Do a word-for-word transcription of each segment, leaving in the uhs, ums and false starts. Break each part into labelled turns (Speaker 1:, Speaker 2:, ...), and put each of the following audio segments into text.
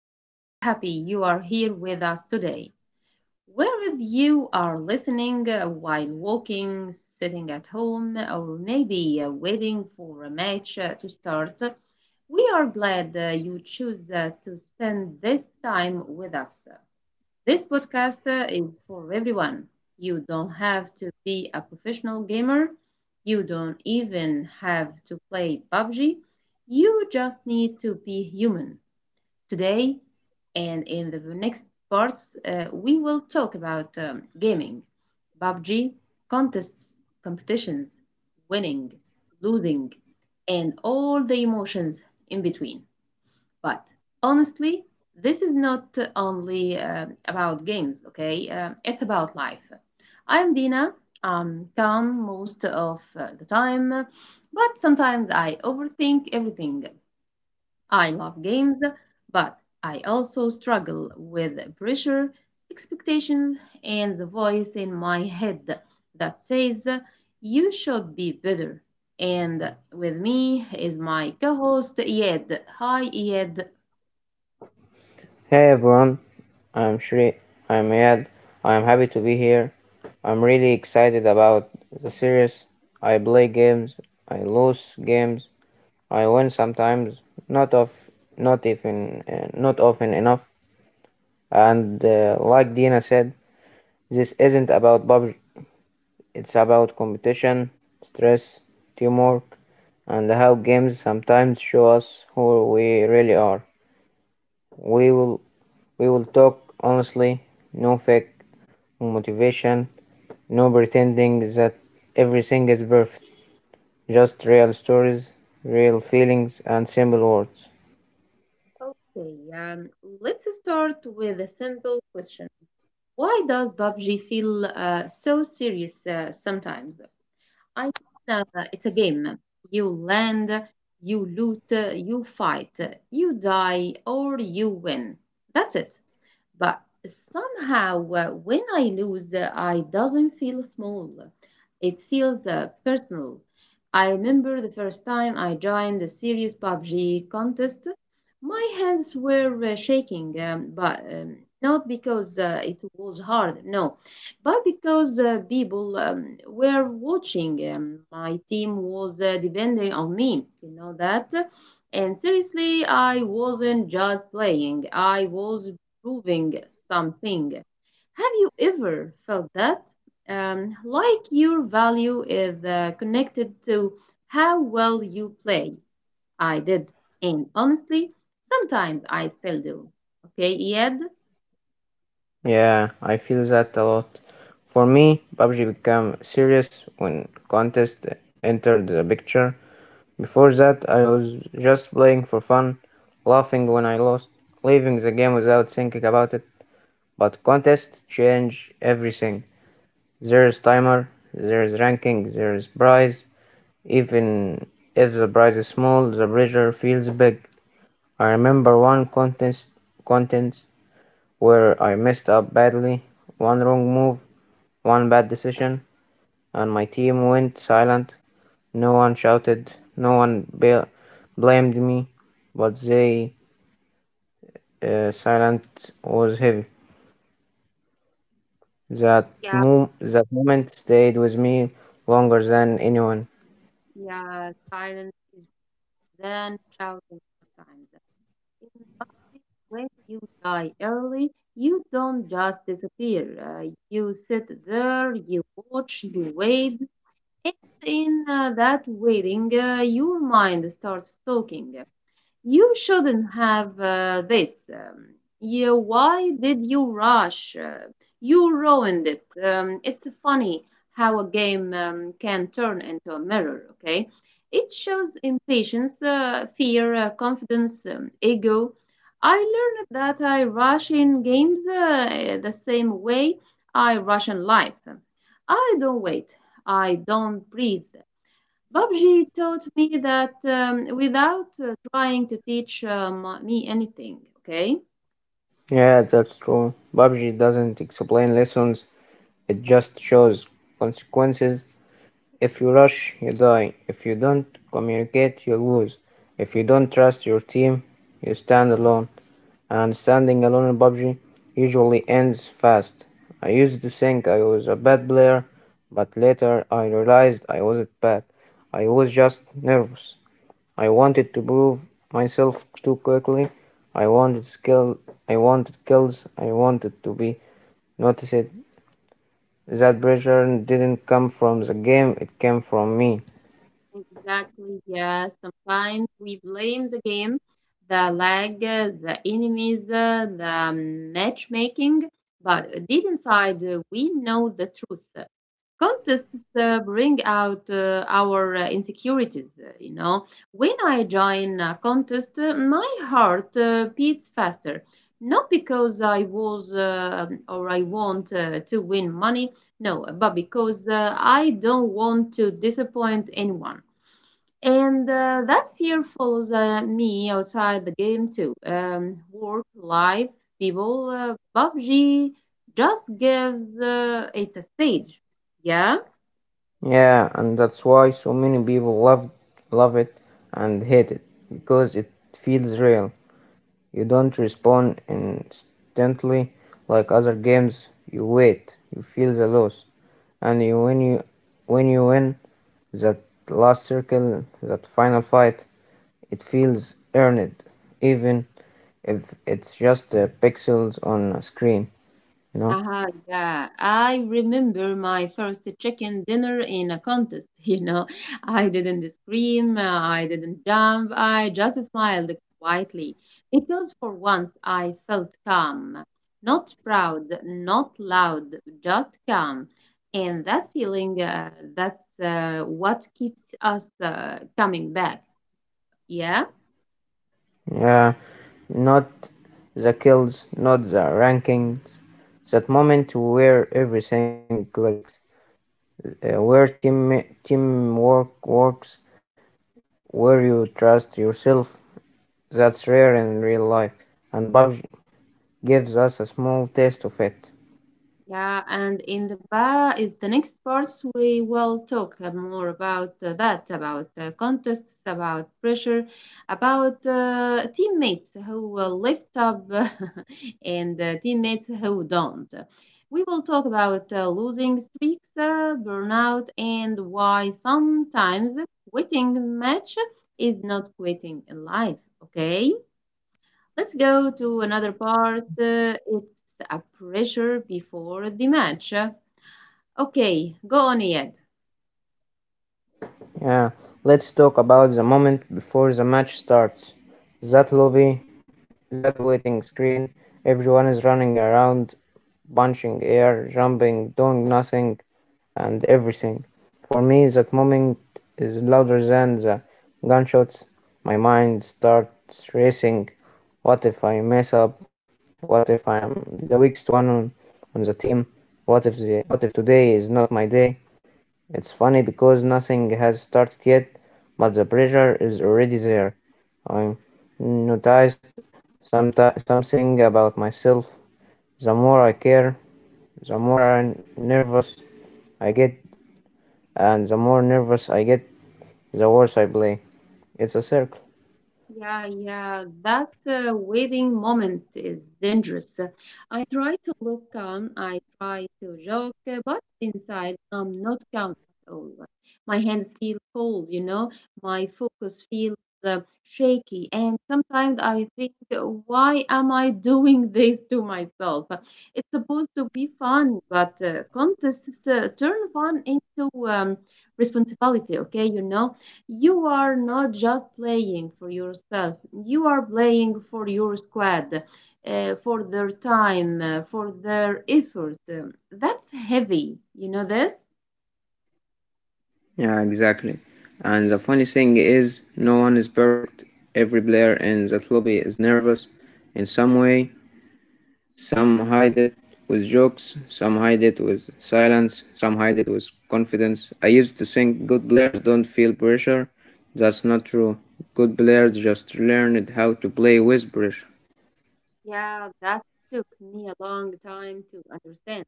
Speaker 1: I'm really happy you are here with us today. Wherever you are listening, uh, while walking, sitting at home, or maybe uh, waiting for a match uh, to start, we are glad uh, you choose uh, to spend this time with us. This podcast uh, is for everyone. You don't have to be a professional gamer. You don't even have to play P U B G. You just need to be human. Today and in the next parts, uh, we will talk about um, gaming, P U B G, contests, competitions, winning, losing, and all the emotions in between. But honestly, this is not only um, about games, okay? Um, it's about life. I'm Dina. I'm calm most of uh, the time, but sometimes I overthink everything. I love games, but I also struggle with pressure, expectations, and the voice in my head that says, you should be better. And with me is my co host, Yed. Hi, Yed.
Speaker 2: Hey everyone, I'm Shri, I'm Ayad, I'm happy to be here. I'm really excited about the series. I play games, I lose games, I win sometimes, not of not even uh, not often enough. And uh, like Dina said, this isn't about P U B G. It's about competition, stress, teamwork, and how games sometimes show us who we really are. We will we will talk honestly, no fake motivation, no pretending that everything is perfect. Just real stories, real feelings, and simple words.
Speaker 1: Okay, um, let's start with a simple question. Why does P U B G feel uh, so serious uh, sometimes? I think uh, it's a game. You land, you loot, uh, you fight, you die, or you win. That's it, but somehow, uh, when I lose, uh, I doesn't feel small, it feels uh, personal. I remember the first time I joined the serious pubg contest. My hands were uh, shaking, um, but um, not because uh, it was hard, no, but because uh, people um, were watching. Um, my team was uh, depending on me, you know that. And seriously, I wasn't just playing, I was proving something. Have you ever felt that? Um, like your value is uh, connected to how well you play. I did. And honestly, sometimes I still do. Okay, Ed?
Speaker 2: Yeah, I feel that a lot. For me, P U B G became serious when contest entered the picture. Before that, I was just playing for fun, laughing when I lost, leaving the game without thinking about it. But contest changed everything. There's timer, there's ranking, there's prize. Even if the prize is small, the pressure feels big. I remember one contest contest where I messed up badly, one wrong move, one bad decision, and my team went silent. No one shouted, no one ba- blamed me, but the uh, silence was heavy. That
Speaker 1: Yeah,
Speaker 2: mo- that moment stayed with me longer than anyone.
Speaker 1: yeah, silence is then shouting sometimes. In boxing, when you die early, you don't just disappear. Uh, you sit there, you watch, you wait. It's in uh, that waiting, uh, your mind starts talking. You shouldn't have uh, this. Um, you, why did you rush? Uh, you ruined it. Um, it's funny how a game um, can turn into a mirror, okay? It shows impatience, uh, fear, uh, confidence, um, ego. I learned that I rush in games uh, the same way I rush in life. I don't wait. I don't breathe. P U B G taught me that um, without uh, trying to teach um, me anything, okay?
Speaker 2: Yeah, that's true. P U B G doesn't explain lessons, it just shows consequences. If you rush, you die. If you don't communicate, you lose. If you don't trust your team, you stand alone. And standing alone in P U B G usually ends fast. I used to think I was a bad player, but later I realized I wasn't bad. I was just nervous. I wanted to prove myself too quickly. I wanted skill, I wanted kills, I wanted to be noticed. That pressure didn't come from the game, it came from me.
Speaker 1: Exactly, yeah. Sometimes we blame the game, the lag, uh, the enemies, uh, the matchmaking, but deep inside, uh, we know the truth. Contests uh, bring out uh, our uh, insecurities, uh, you know. When I join a contest, uh, my heart uh, beats faster. Not because I was uh, or I want uh, to win money, no, but because uh, I don't want to disappoint anyone. And uh, that fear follows uh, me outside the game too. Um, work, life, people, uh, P U B G just gives uh, it a stage. Yeah?
Speaker 2: Yeah, and that's why so many people love love it and hate it because it feels real. You don't respond instantly like other games. You wait, you feel the loss, and you, when you when you win that last circle, that final fight, it feels earned, even if it's just uh, pixels on a screen. You know?
Speaker 1: Uh-huh, yeah. I remember my first chicken dinner in a contest, you know. I didn't scream, uh, I didn't jump, I just smiled quietly because for once I felt calm. Not proud, not loud, just calm. And that feeling, uh, that's uh, what keeps us uh, coming back. Yeah.
Speaker 2: Yeah. Not the kills, not the rankings. That moment where everything clicks, uh, where team teamwork works, where you trust yourself. That's rare in real life, and P U B G gives us a small taste of it.
Speaker 1: Yeah, and in the ba is the next parts we will talk uh, more about uh, that, about uh, contests, about pressure, about uh, teammates who will lift up and uh, teammates who don't. We will talk about uh, losing streaks, uh, burnout, and why sometimes quitting match is not quitting in life. Okay. Let's go to another part. uh, it's a pressure before the match. Okay, go on, Ed.
Speaker 2: Yeah, let's talk about the moment before the match starts. That lobby, that waiting screen, everyone is running around, punching air, jumping, doing nothing, and everything. For me, that moment is louder than the gunshots. My mind starts racing. What if I mess up? What if I'm the weakest one on, on the team? What if the, what if today is not my day? It's funny because nothing has started yet, but the pressure is already there. I noticed some something about myself. The more I care, the more I'm nervous I get, and the more nervous I get, the worse I play. It's a circle.
Speaker 1: Yeah, yeah, that uh, waiting moment is dangerous. Uh, I try to look calm, I try to joke, uh, but inside I'm not calm at all. My hands feel cold, you know, my focus feels uh, shaky, and sometimes I think, why am I doing this to myself? Uh, It's supposed to be fun, but uh, contests uh, turn fun into um, responsibility, okay, you know? You are not just playing for yourself, you are playing for your squad, uh, for their time, uh, for their effort. Um, That's heavy, you know this?
Speaker 2: Yeah, exactly. And the funny thing is, no one is perfect. Every player in that lobby is nervous in some way. Some hide it with jokes, some hide it with silence, some hide it with confidence. I used to think good players don't feel pressure. That's not true. Good players just learned how to play with pressure.
Speaker 1: Yeah, that took me a long time to understand.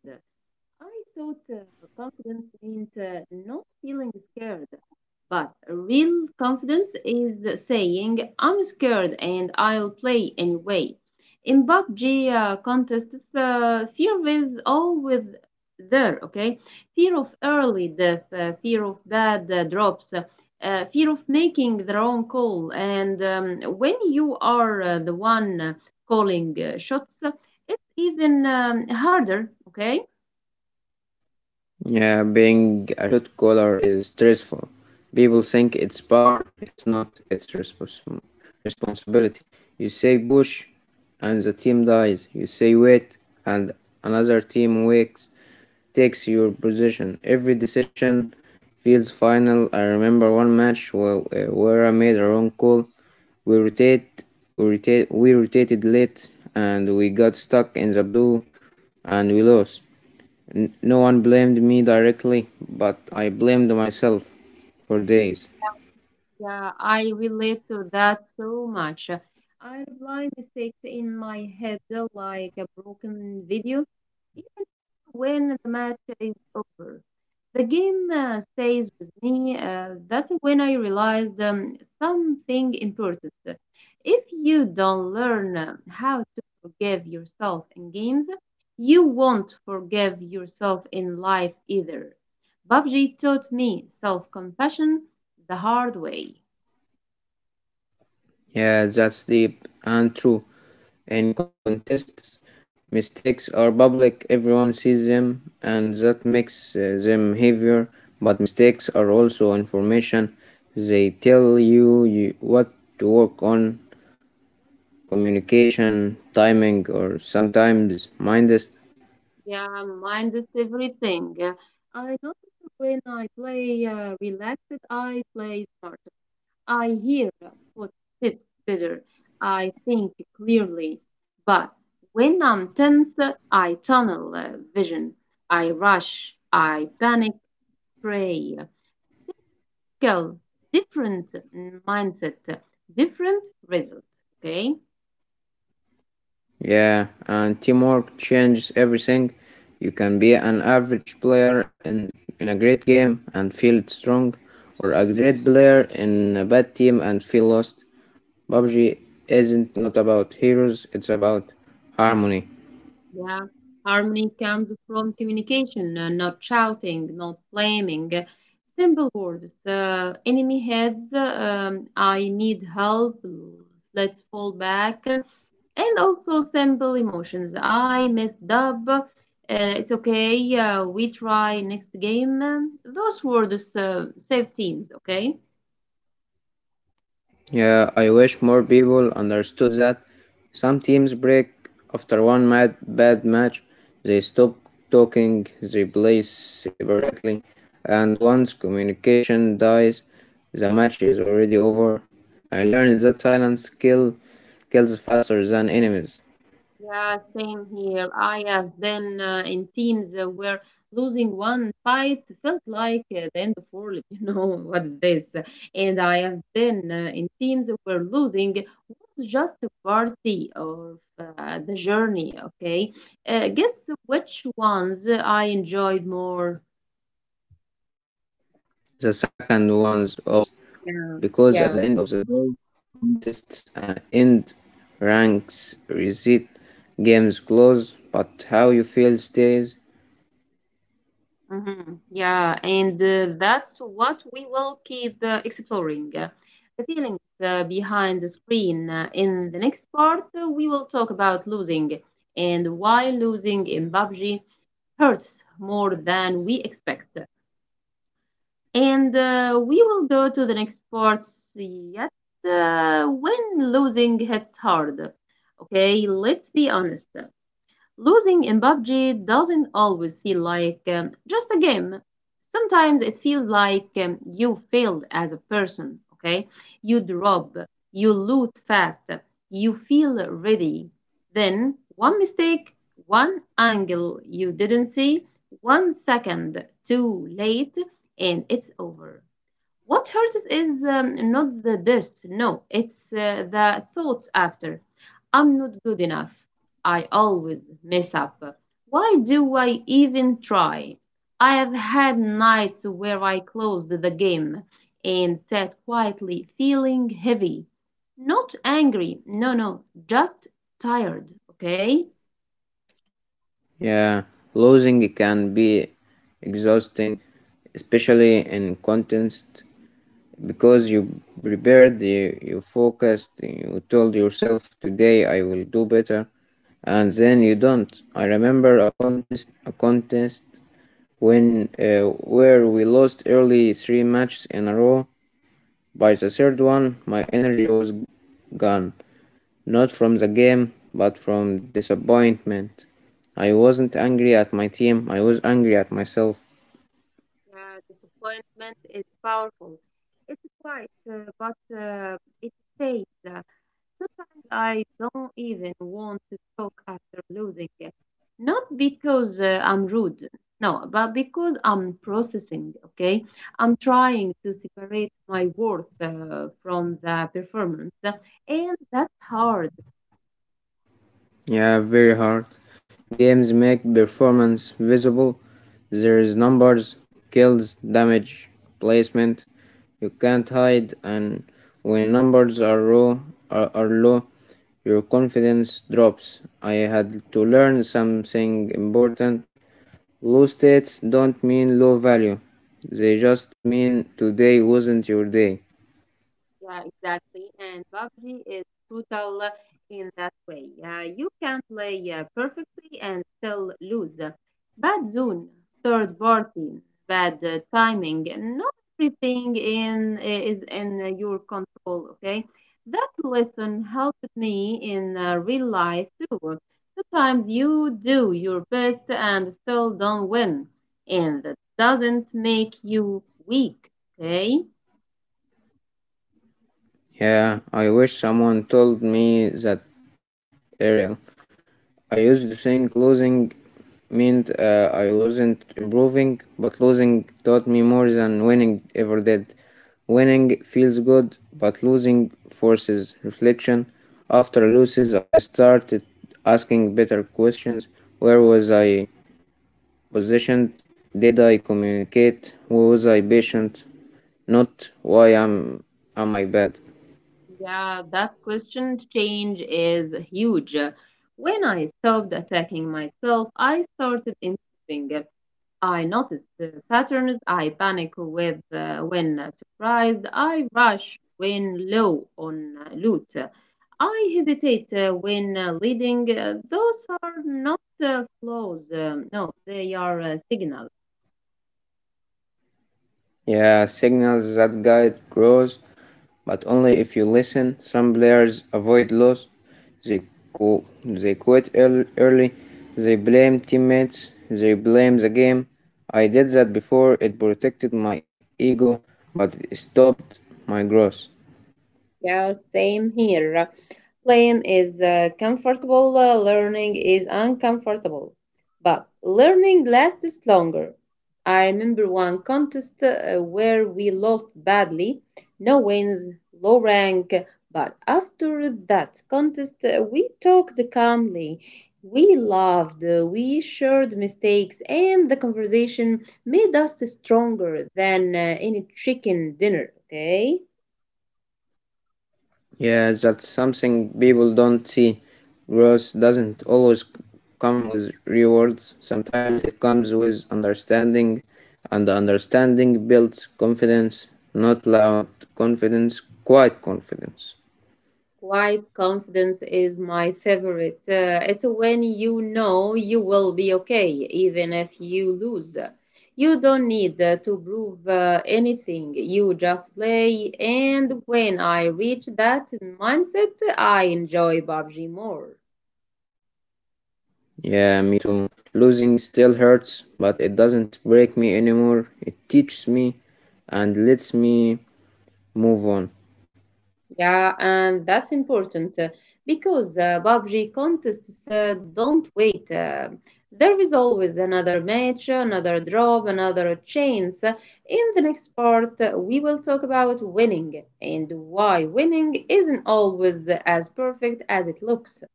Speaker 1: I thought uh, confidence meant uh, not feeling scared, but real confidence is saying, I'm scared and I'll play anyway. In P U B G uh, contests, uh, fear is always there, okay? Fear of early death, uh, fear of bad uh, drops, uh, uh, fear of making the wrong call. And um, when you are uh, the one uh, calling uh, shots, uh, it's even um, harder, okay?
Speaker 2: Yeah, being a shot caller is stressful. People think it's power, it's not, it's respons- responsibility. You say push, and the team dies. You say wait, and another team wakes, takes your position. Every decision feels final. I remember one match where, uh, where I made a wrong call. We rotate, we rotate, we rotated late, and we got stuck in the blue, and we lost. No one blamed me directly, but I blamed myself for days.
Speaker 1: Yeah, I relate to that so much. I replay mistakes in my head like a broken video, even when the match is over. The game uh, stays with me. Uh, that's when I realized um, something important. If you don't learn uh, how to forgive yourself in games, you won't forgive yourself in life either. P U B G taught me self compassion the hard way.
Speaker 2: Yeah, that's deep and true. In contests, mistakes are public, everyone sees them, and that makes uh, them heavier. But mistakes are also information. They tell you, you what to work on, communication, timing, or sometimes mindset.
Speaker 1: Yeah, mind is everything. Uh, I notice when I play uh, relaxed, I play smarter. I hear what fits better. I think clearly. But when I'm tense, uh, I tunnel uh, vision. I rush. I panic. Pray. Kill. Different mindset. Different result. Okay.
Speaker 2: Yeah, and teamwork changes everything. You can be an average player in, in a great game and feel strong, or a great player in a bad team and feel lost. P U B G isn't not about heroes, it's about harmony.
Speaker 1: Yeah, harmony comes from communication, uh, not shouting, not blaming. uh, Simple words. Uh, enemy heads, uh, um, I need help, l- let's fall back. And also simple emotions. I messed up, uh, it's okay, uh, we try next game. Um, Those words uh, save teams, okay?
Speaker 2: Yeah, I wish more people understood that some teams break after one mad, bad match, they stop talking, they play separately, and once communication dies, the match is already over. I learned that silence kill, kills faster than enemies,
Speaker 1: Yeah, same here. I have been uh, in teams uh, where losing one fight felt like uh, the end of world. You know what this? And I have been uh, in teams where losing was just a party of uh, the journey. Okay, uh, guess which ones I enjoyed more?
Speaker 2: the second ones always,
Speaker 1: Yeah,
Speaker 2: because at the
Speaker 1: yeah.
Speaker 2: end of the day, contests uh, end, ranks reset, games close, but how you feel stays.
Speaker 1: Hmm. Yeah, and uh, that's what we will keep uh, exploring uh, the feelings uh, behind the screen. Uh, in the next part, uh, we will talk about losing and why losing in P U B G hurts more than we expect. And uh, we will go to the next parts yet uh, when losing hits hard. Okay, let's be honest. Losing in P U B G doesn't always feel like um, just a game. Sometimes it feels like um, you failed as a person, okay? You drop, you loot fast, you feel ready. Then one mistake, one angle you didn't see, one second too late, and it's over. What hurts is um, not the diss, no, it's uh, the thoughts after. I'm not good enough. I always mess up. Why do I even try? I have had nights where I closed the game and sat quietly feeling heavy. Not angry, no, no, just tired, okay?
Speaker 2: Yeah, losing can be exhausting, especially in contest, because you prepared, you, you focused, you told yourself, today I will do better, and then you don't. I remember a contest, a contest when uh, where we lost early three matches in a row. By the third one, my energy was gone. Not from the game, but from disappointment. I wasn't angry at my team, I was angry at myself.
Speaker 1: Yeah, disappointment is powerful. It's quiet, uh, but uh, it stays. Sometimes I don't even want to talk after losing it. Not because uh, I'm rude, no, but because I'm processing, okay? I'm trying to separate my worth uh, from the performance, and that's hard.
Speaker 2: Yeah, very hard. Games make performance visible. There's numbers, kills, damage, placement. You can't hide, and when numbers are low, are, are low, your confidence drops. I had to learn something important. Low states don't mean low value. They just mean today wasn't your day.
Speaker 1: Yeah, exactly. And P U B G is brutal in that way. Uh, you can play uh, perfectly and still lose. Bad zone, third party, bad uh, timing. Not everything in eh, is in uh, your control. Okay, that lesson helped me in uh, real life too. Sometimes you do your best and still don't win, and that doesn't make you weak. Okay.
Speaker 2: Yeah, I wish someone told me that, Ariel. I used to think losing meant uh, I wasn't improving, but losing taught me more than winning ever did. Winning feels good, but losing forces reflection. After losses, I started asking better questions. Where was I positioned? Did I communicate? Was I patient? Not why am am I bad?
Speaker 1: Yeah, that question change is huge. When I stopped attacking myself, I started improving. I noticed the patterns. I panic with uh, when surprised. I rush when low on uh, loot. I hesitate uh, when uh, leading. Uh, Those are not uh, flaws. Um, no, they are uh, signals.
Speaker 2: Yeah, signals that guide growth, but only if you listen. Some players avoid loss, they, qu- they quit earl- early, they blame teammates, they blame the game. I did that before, it protected my ego, but it stopped my growth.
Speaker 1: Yeah, same here. Playing is uh, comfortable, uh, learning is uncomfortable. But learning lasts longer. I remember one contest uh, where we lost badly, no wins, low rank. But after that contest, uh, we talked calmly. We laughed, uh, we shared mistakes, and the conversation made us stronger than uh, any chicken dinner, okay?
Speaker 2: Yeah, that's something people don't see. Growth doesn't always come with rewards. Sometimes it comes with understanding, and understanding builds confidence. Not loud confidence, quiet confidence.
Speaker 1: Quiet confidence is my favorite. Uh, it's when you know you will be okay, even if you lose. You don't need uh, to prove uh, anything, you just play. And when I reach that mindset, I enjoy P U B G more.
Speaker 2: Yeah, me too. Losing still hurts, but it doesn't break me anymore. It teaches me and lets me move on.
Speaker 1: Yeah, and that's important uh, because uh, Babri contests uh, don't wait. Uh, there is always another match, another drop, another chance. In the next part, uh, we will talk about winning and why winning isn't always as perfect as it looks.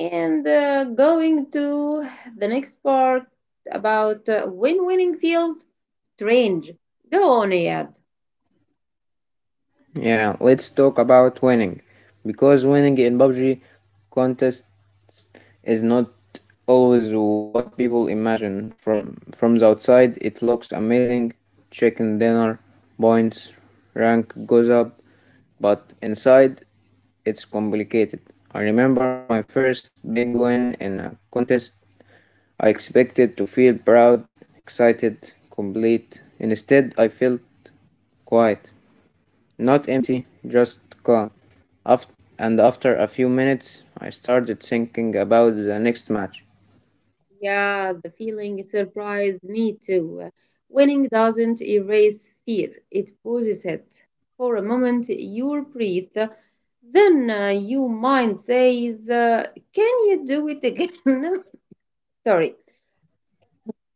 Speaker 1: And uh, going to the next part about uh, when winning feels strange. Go on, Iyad.
Speaker 2: Yeah, let's talk about winning. Because winning in P U B G contests is not always what people imagine. From from the outside it looks amazing, chicken dinner, points, rank goes up, but inside it's complicated. I remember my first big win in a contest. I expected to feel proud, excited, complete. Instead, I felt quiet. Not empty, just calm. Af- and after a few minutes, I started thinking about the next match.
Speaker 1: Yeah, the feeling surprised me too. Winning doesn't erase fear, it poses it. For a moment, you breathe, then uh, your mind says, uh, can you do it again? Sorry,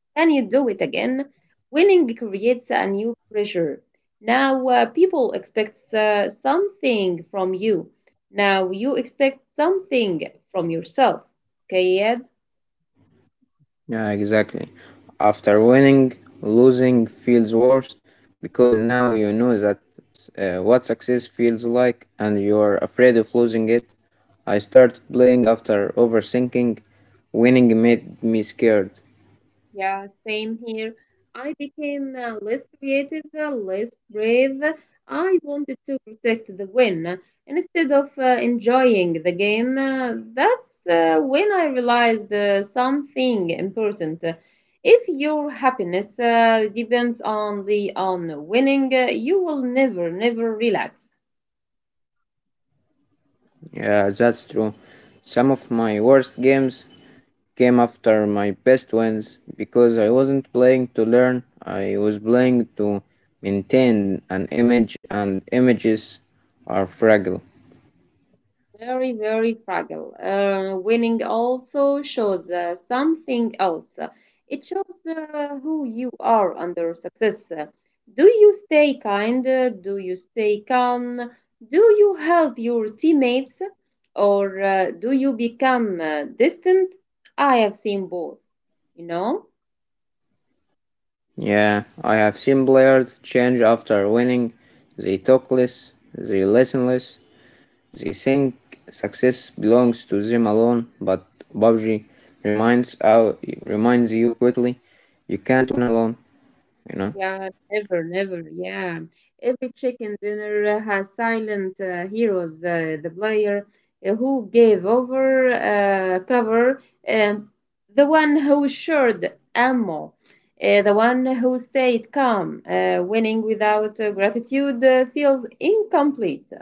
Speaker 1: can you do it again? Winning creates a new pressure. Now, uh, people expect uh, something from you. Now, you expect something from yourself. Okay,
Speaker 2: Yeah, exactly. After winning, losing feels worse because now you know that uh, what success feels like and you're afraid of losing it. I started playing after overthinking. Winning made me scared.
Speaker 1: Yeah, same here. I became uh, less creative, uh, less brave. I wanted to protect the win instead of uh, enjoying the game. Uh, that's uh, when I realized uh, something important. If your happiness uh, depends only on winning, uh, you will never, never relax.
Speaker 2: Yeah, that's true. Some of my worst games came after my best wins because I wasn't playing to learn, I was playing to maintain an image, and images are fragile.
Speaker 1: Very, very fragile. Uh, winning also shows uh, something else. It shows uh, who you are under success. Do you stay kind? Do you stay calm? Do you help your teammates? Or uh, do you become uh, distant? I have seen both, you know?
Speaker 2: Yeah, I have seen players change after winning. They talk less, they listen less, they think success belongs to them alone, but P U B G reminds, out, reminds you quickly you can't win alone, you
Speaker 1: Yeah,
Speaker 2: know.
Speaker 1: never, never. Yeah, every chicken dinner has silent uh, heroes. Uh, the player uh, who gave over uh, cover, um, the one who shared ammo, uh, the one who stayed calm. Uh, winning without uh, gratitude uh, feels incomplete.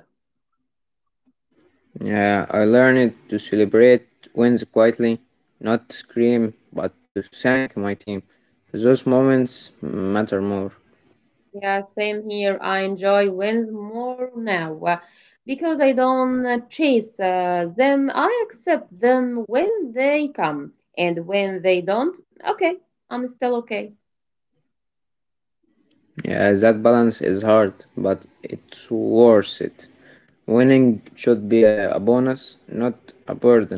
Speaker 2: Yeah, I learned to celebrate wins quietly, not scream, but to thank my team. Those moments matter more.
Speaker 1: Yeah, same here. I enjoy wins more now uh, because I don't uh, chase uh, them. I accept them when they come, and when they don't, okay, I'm still okay.
Speaker 2: Yeah, that balance is hard, but it's worth it. Winning should be a, a bonus, not a burden.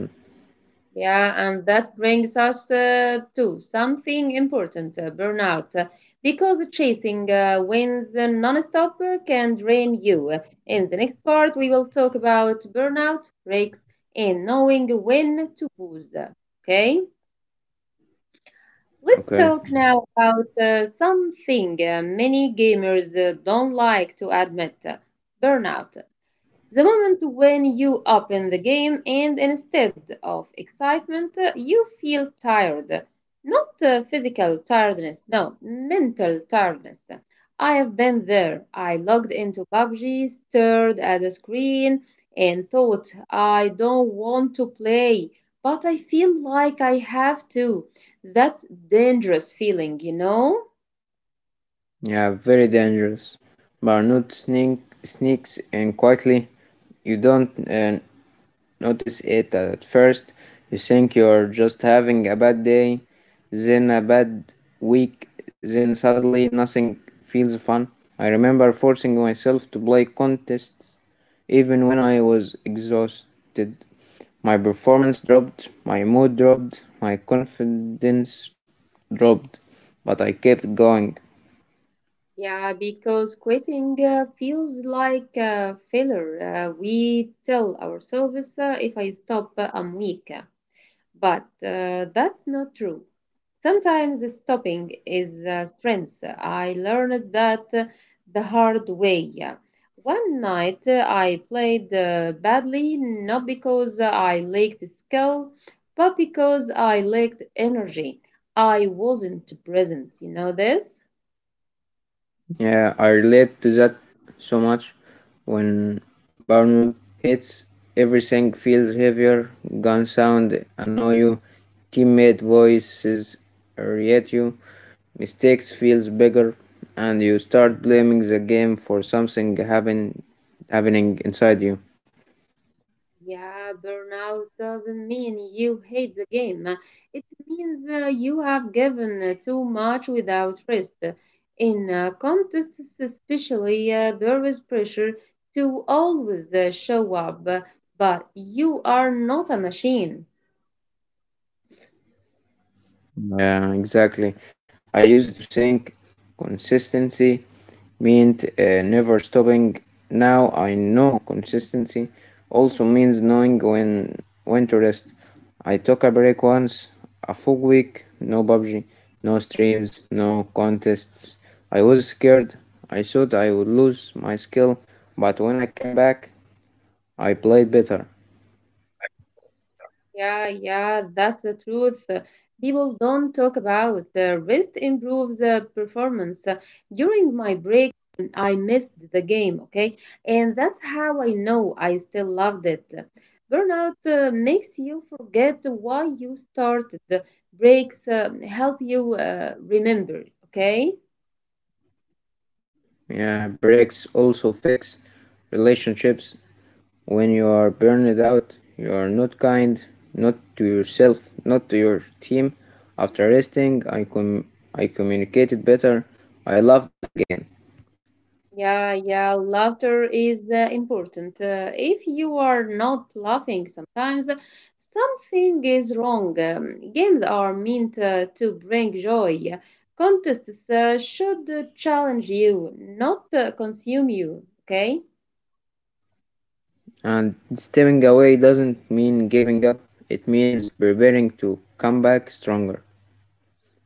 Speaker 1: Yeah, and that brings us uh, to something important, uh, burnout, uh, because chasing uh, wins uh, nonstop uh, can drain you. In the next part, we will talk about burnout, breaks, and knowing when to pause. Okay? Let's
Speaker 2: Okay.
Speaker 1: talk now about uh, something uh, many gamers uh, don't like to admit uh, burnout. The moment when you open the game and instead of excitement, uh, you feel tired. Not uh, physical tiredness, no, mental tiredness. I have been there. I logged into P U B G, stared at the screen, and thought, I don't want to play, but I feel like I have to. That's dangerous feeling, you know?
Speaker 2: Yeah, very dangerous. But not sneak sneaks in quietly. You don't uh, notice it at first. You think you're just having a bad day, then a bad week, then suddenly nothing feels fun. I remember forcing myself to play contests even when I was exhausted. My performance dropped, my mood dropped, my confidence dropped, but I kept going.
Speaker 1: Yeah, because quitting uh, feels like a failure. Uh, we tell ourselves uh, if I stop, uh, I'm weak. But uh, that's not true. Sometimes stopping is a strength. I learned that uh, the hard way. One night uh, I played uh, badly, not because I lacked skill, but because I lacked energy. I wasn't present. You know this?
Speaker 2: Yeah, I relate to that so much. When burnout hits, everything feels heavier. Gun sound annoy you. Teammate voices irritate you. Mistakes feels bigger, and you start blaming the game for something happen, happening inside you.
Speaker 1: Yeah, burnout doesn't mean you hate the game. It means uh, you have given uh, too much without rest. In uh, contests, especially, uh, there is pressure to always uh, show up, but you are not a machine.
Speaker 2: Yeah, exactly. I used to think consistency meant uh, never stopping. Now I know consistency also means knowing when when to rest. I took a break once, a full week, no P U B G, no streams, no contests. I was scared. I thought I would lose my skill, but when I came back, I played better.
Speaker 1: Yeah, yeah, that's the truth. Uh, People don't talk about uh, rest improves uh, performance. Uh, During my break, I missed the game, okay? And that's how I know I still loved it. Burnout uh, makes you forget why you started. The Breaks uh, help you uh, remember, okay?
Speaker 2: Yeah, breaks also fix relationships. When you are burned out, you are not kind, not to yourself, not to your team. After resting, I, com- I communicated better, I loved again.
Speaker 1: Yeah, yeah, laughter is uh, important. Uh, if you are not laughing sometimes, something is wrong. Um, games are meant uh, to bring joy. Contests uh, should uh, challenge you, not uh, consume you, okay?
Speaker 2: And stepping away doesn't mean giving up, it means preparing to come back stronger.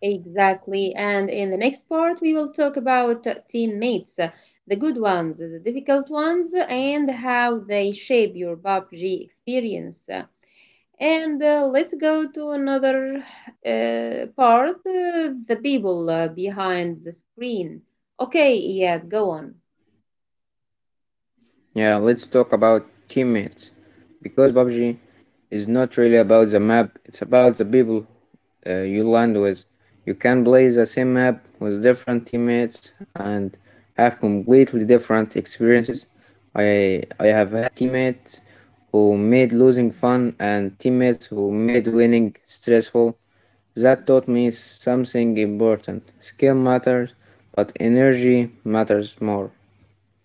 Speaker 1: Exactly. And in the next part, we will talk about uh, teammates, uh, the good ones, the difficult ones, and how they shape your P U B G experience. And uh, let's go to another uh, part uh, the people uh, behind the screen. Okay, yeah, go on.
Speaker 2: Yeah, let's talk about teammates because P U B G is not really about the map, it's about the people uh, you land with. You can play the same map with different teammates and have completely different experiences. I I have had teammates who made losing fun and teammates who made winning stressful. That taught me something important. Skill matters, but energy matters more.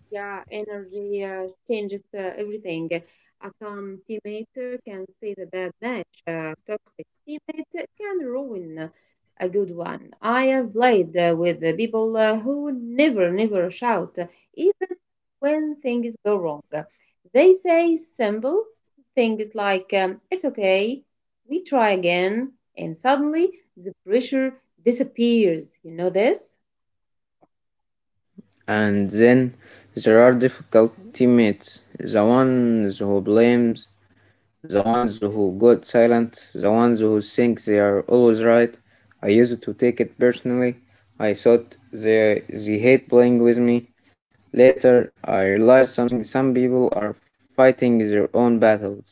Speaker 1: Yeah, energy uh, changes uh, everything. A calm teammate uh, can save a bad match. A toxic teammate can ruin a good one. I have played uh, with the people uh, who never, never shout, uh, even when things go wrong. They say simple things like, um, it's okay, we try again, and suddenly the pressure disappears. You know this?
Speaker 2: And then there are difficult teammates, the ones who blames, the ones who got silent, the ones who think they are always right. I used to take it personally. I thought they, they hate playing with me. Later, I realized something some people are fighting their own battles.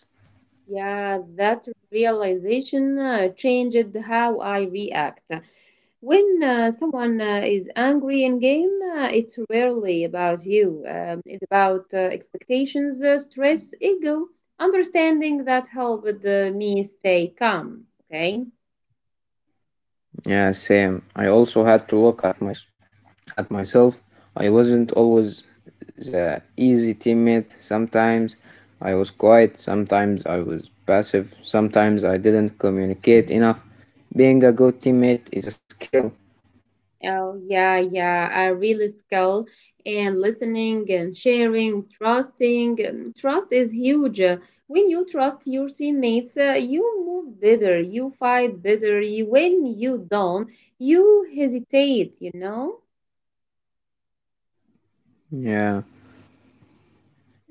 Speaker 1: Yeah, that realization uh, changed how I react. When uh, someone uh, is angry in game, uh, it's rarely about you. Um, it's about uh, expectations, uh, stress, ego. Understanding that helped uh, me stay calm. Okay.
Speaker 2: Yeah, same. I also had to look at my at myself. I wasn't always the easy teammate. Sometimes I was quiet, sometimes I was passive, sometimes I didn't communicate enough. Being a good teammate is a skill.
Speaker 1: Oh, yeah, yeah, I really skill and listening and sharing, trusting. um, Trust is huge. Uh, When you trust your teammates, uh, you move better, you fight better. You- When you don't, you hesitate, you know?
Speaker 2: Yeah,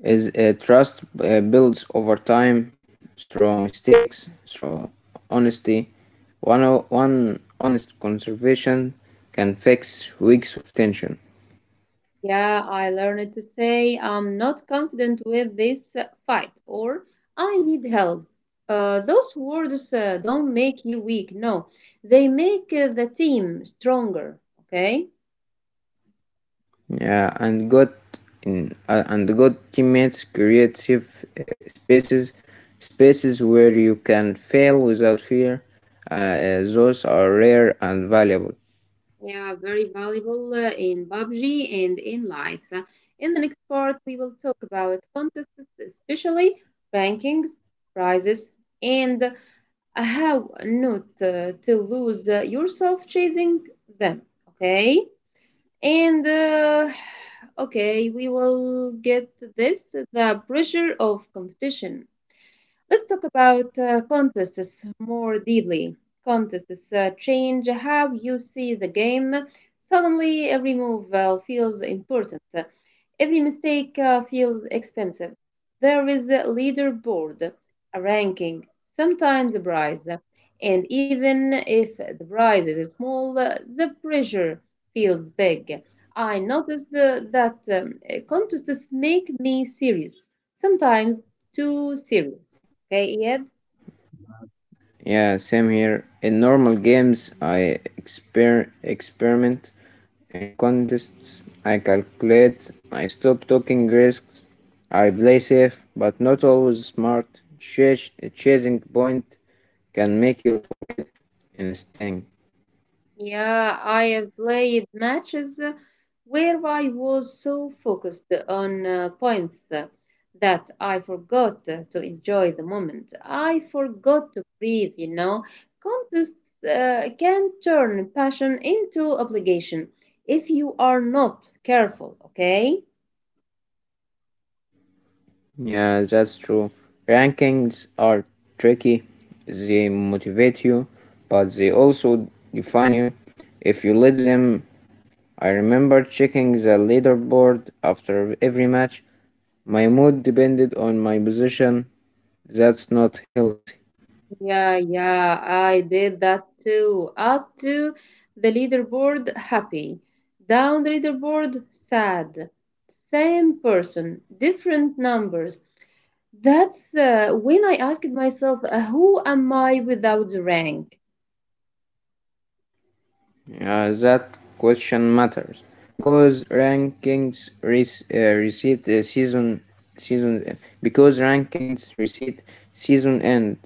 Speaker 2: is uh, trust uh, builds over time through mistakes, through honesty. One o- one honest conversation can fix weeks of tension.
Speaker 1: Yeah, I learned to say I'm not confident with this uh, fight or I need help. Uh, those words uh, don't make you weak. No, they make uh, the team stronger, okay?
Speaker 2: Yeah, and good in, uh, and good teammates creative uh, spaces, spaces where you can fail without fear. Uh, uh, those are rare and valuable.
Speaker 1: Yeah, very valuable uh, in P U B G and in life. In the next part, we will talk about contests, especially rankings, prizes, and uh, how not uh, to lose uh, yourself chasing them. Okay? And uh, okay, we will get this the pressure of competition. Let's talk about uh, contests more deeply. Contests uh, change how you see the game. Suddenly, every move uh, feels important. Every mistake uh, feels expensive. There is a leaderboard, a ranking, sometimes a prize. And even if the prize is small, uh, the pressure feels big. I noticed uh, that um, contests make me serious, sometimes too serious. Okay, Ed?
Speaker 2: Yeah, same here. In normal games, I exper experiment. In contests, I calculate. I stop taking risks. I play safe, but not always smart. Chas chasing point can make you forget instinct.
Speaker 1: Yeah, I have played matches uh, where I was so focused on uh, points uh, that I forgot uh, to enjoy the moment. I forgot to breathe, you know. Contests uh, can turn passion into obligation if you are not careful, okay?
Speaker 2: Yeah, that's true. Rankings are tricky. They motivate you, but they also define you. If you let them, I remember checking the leaderboard after every match. My mood depended on my position. That's not healthy.
Speaker 1: Yeah, yeah, I did that too. Up to the leaderboard, happy. Down the leaderboard, sad. Same person, different numbers. That's uh, when I asked myself, uh, who am I without the rank?
Speaker 2: Uh, that question matters because rankings res- uh, reset uh, season season because rankings reset season end,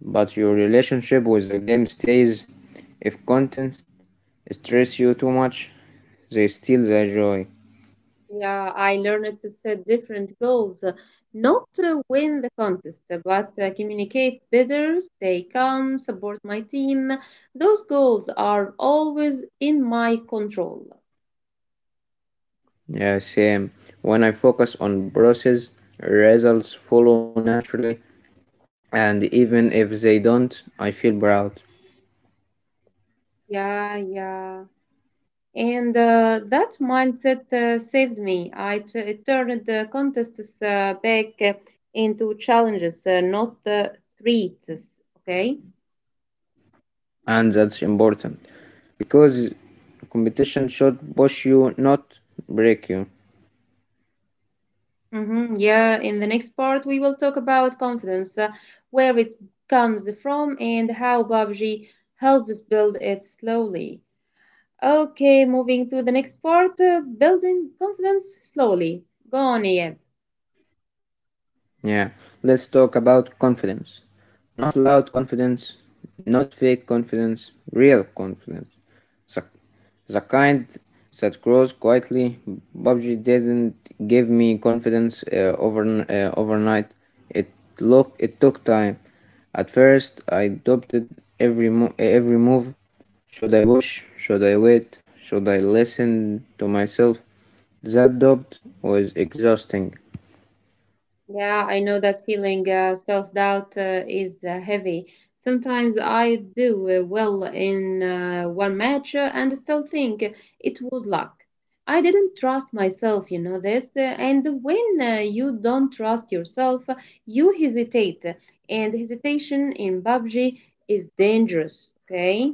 Speaker 2: but your relationship with the game stays. If content stress you too much, they steal the joy.
Speaker 1: Yeah, I learned to set different goals, uh, not to win the contest, uh, but uh, communicate better, stay calm, support my team. Those goals are always in my control.
Speaker 2: Yeah, same. When I focus on process, results follow naturally, and even if they don't, I feel proud.
Speaker 1: Yeah, yeah. And uh, that mindset uh, saved me. I t- it turned the contests uh, back uh, into challenges, uh, not uh, treats. Okay.
Speaker 2: And that's important because competition should push you, not break you.
Speaker 1: Mm-hmm. Yeah. In the next part, we will talk about confidence, uh, where it comes from, and how Babji helps build it slowly. Okay, moving to the next part, uh, building confidence slowly. Go on, Iyad.
Speaker 2: Yeah, let's talk about confidence. Not loud confidence, not fake confidence, real confidence. The, the kind that grows quietly. P U B G didn't give me confidence uh, over, uh, overnight. It look it took time. At first, I doubted every mo- every move. Should I push? Should I wait? Should I listen to myself? That doubt was exhausting.
Speaker 1: Yeah, I know that feeling. Uh, Self doubt uh, is uh, heavy. Sometimes I do uh, well in uh, one match uh, and still think it was luck. I didn't trust myself, you know this. Uh, and when uh, you don't trust yourself, you hesitate. And hesitation in P U B G is dangerous, okay?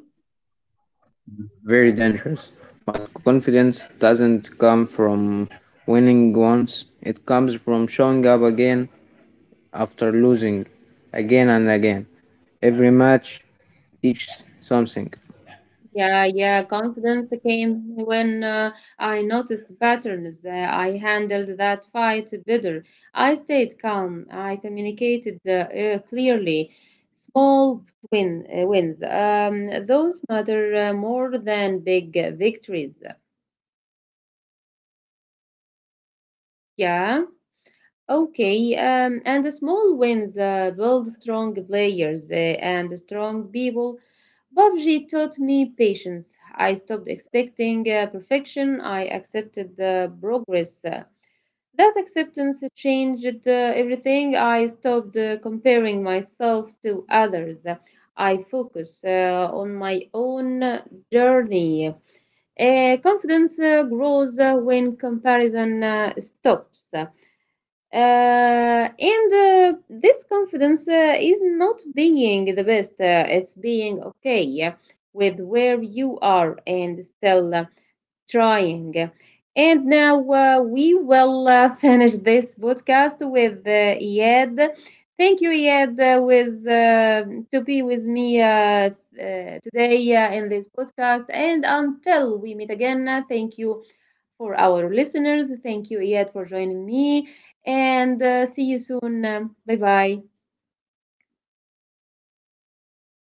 Speaker 1: Yeah, yeah, confidence came when uh, I noticed patterns. Uh, I handled that fight better. I stayed calm. I communicated uh, uh, clearly. Small win, uh, wins, um, those matter uh, more than big uh, victories. Yeah, okay. Um, and the small wins uh, build strong players uh, and strong people. P U B G taught me patience. I stopped expecting uh, perfection. I accepted the progress. Uh, That acceptance changed uh, everything. I stopped uh, comparing myself to others. I focus uh, on my own uh, journey. Uh, confidence uh, grows uh, when comparison uh, stops. Uh, and uh, this confidence uh, is not being the best, uh, it's being okay uh, with where you are and still uh, trying. And now uh, we will uh, finish this podcast with uh, Iyad. Thank you, Iyad, uh, with, uh, to be with me uh, uh, today uh, in this podcast. And until we meet again, uh, thank you for our listeners, thank you, Iyad, for joining me. And uh, see you soon. Bye bye.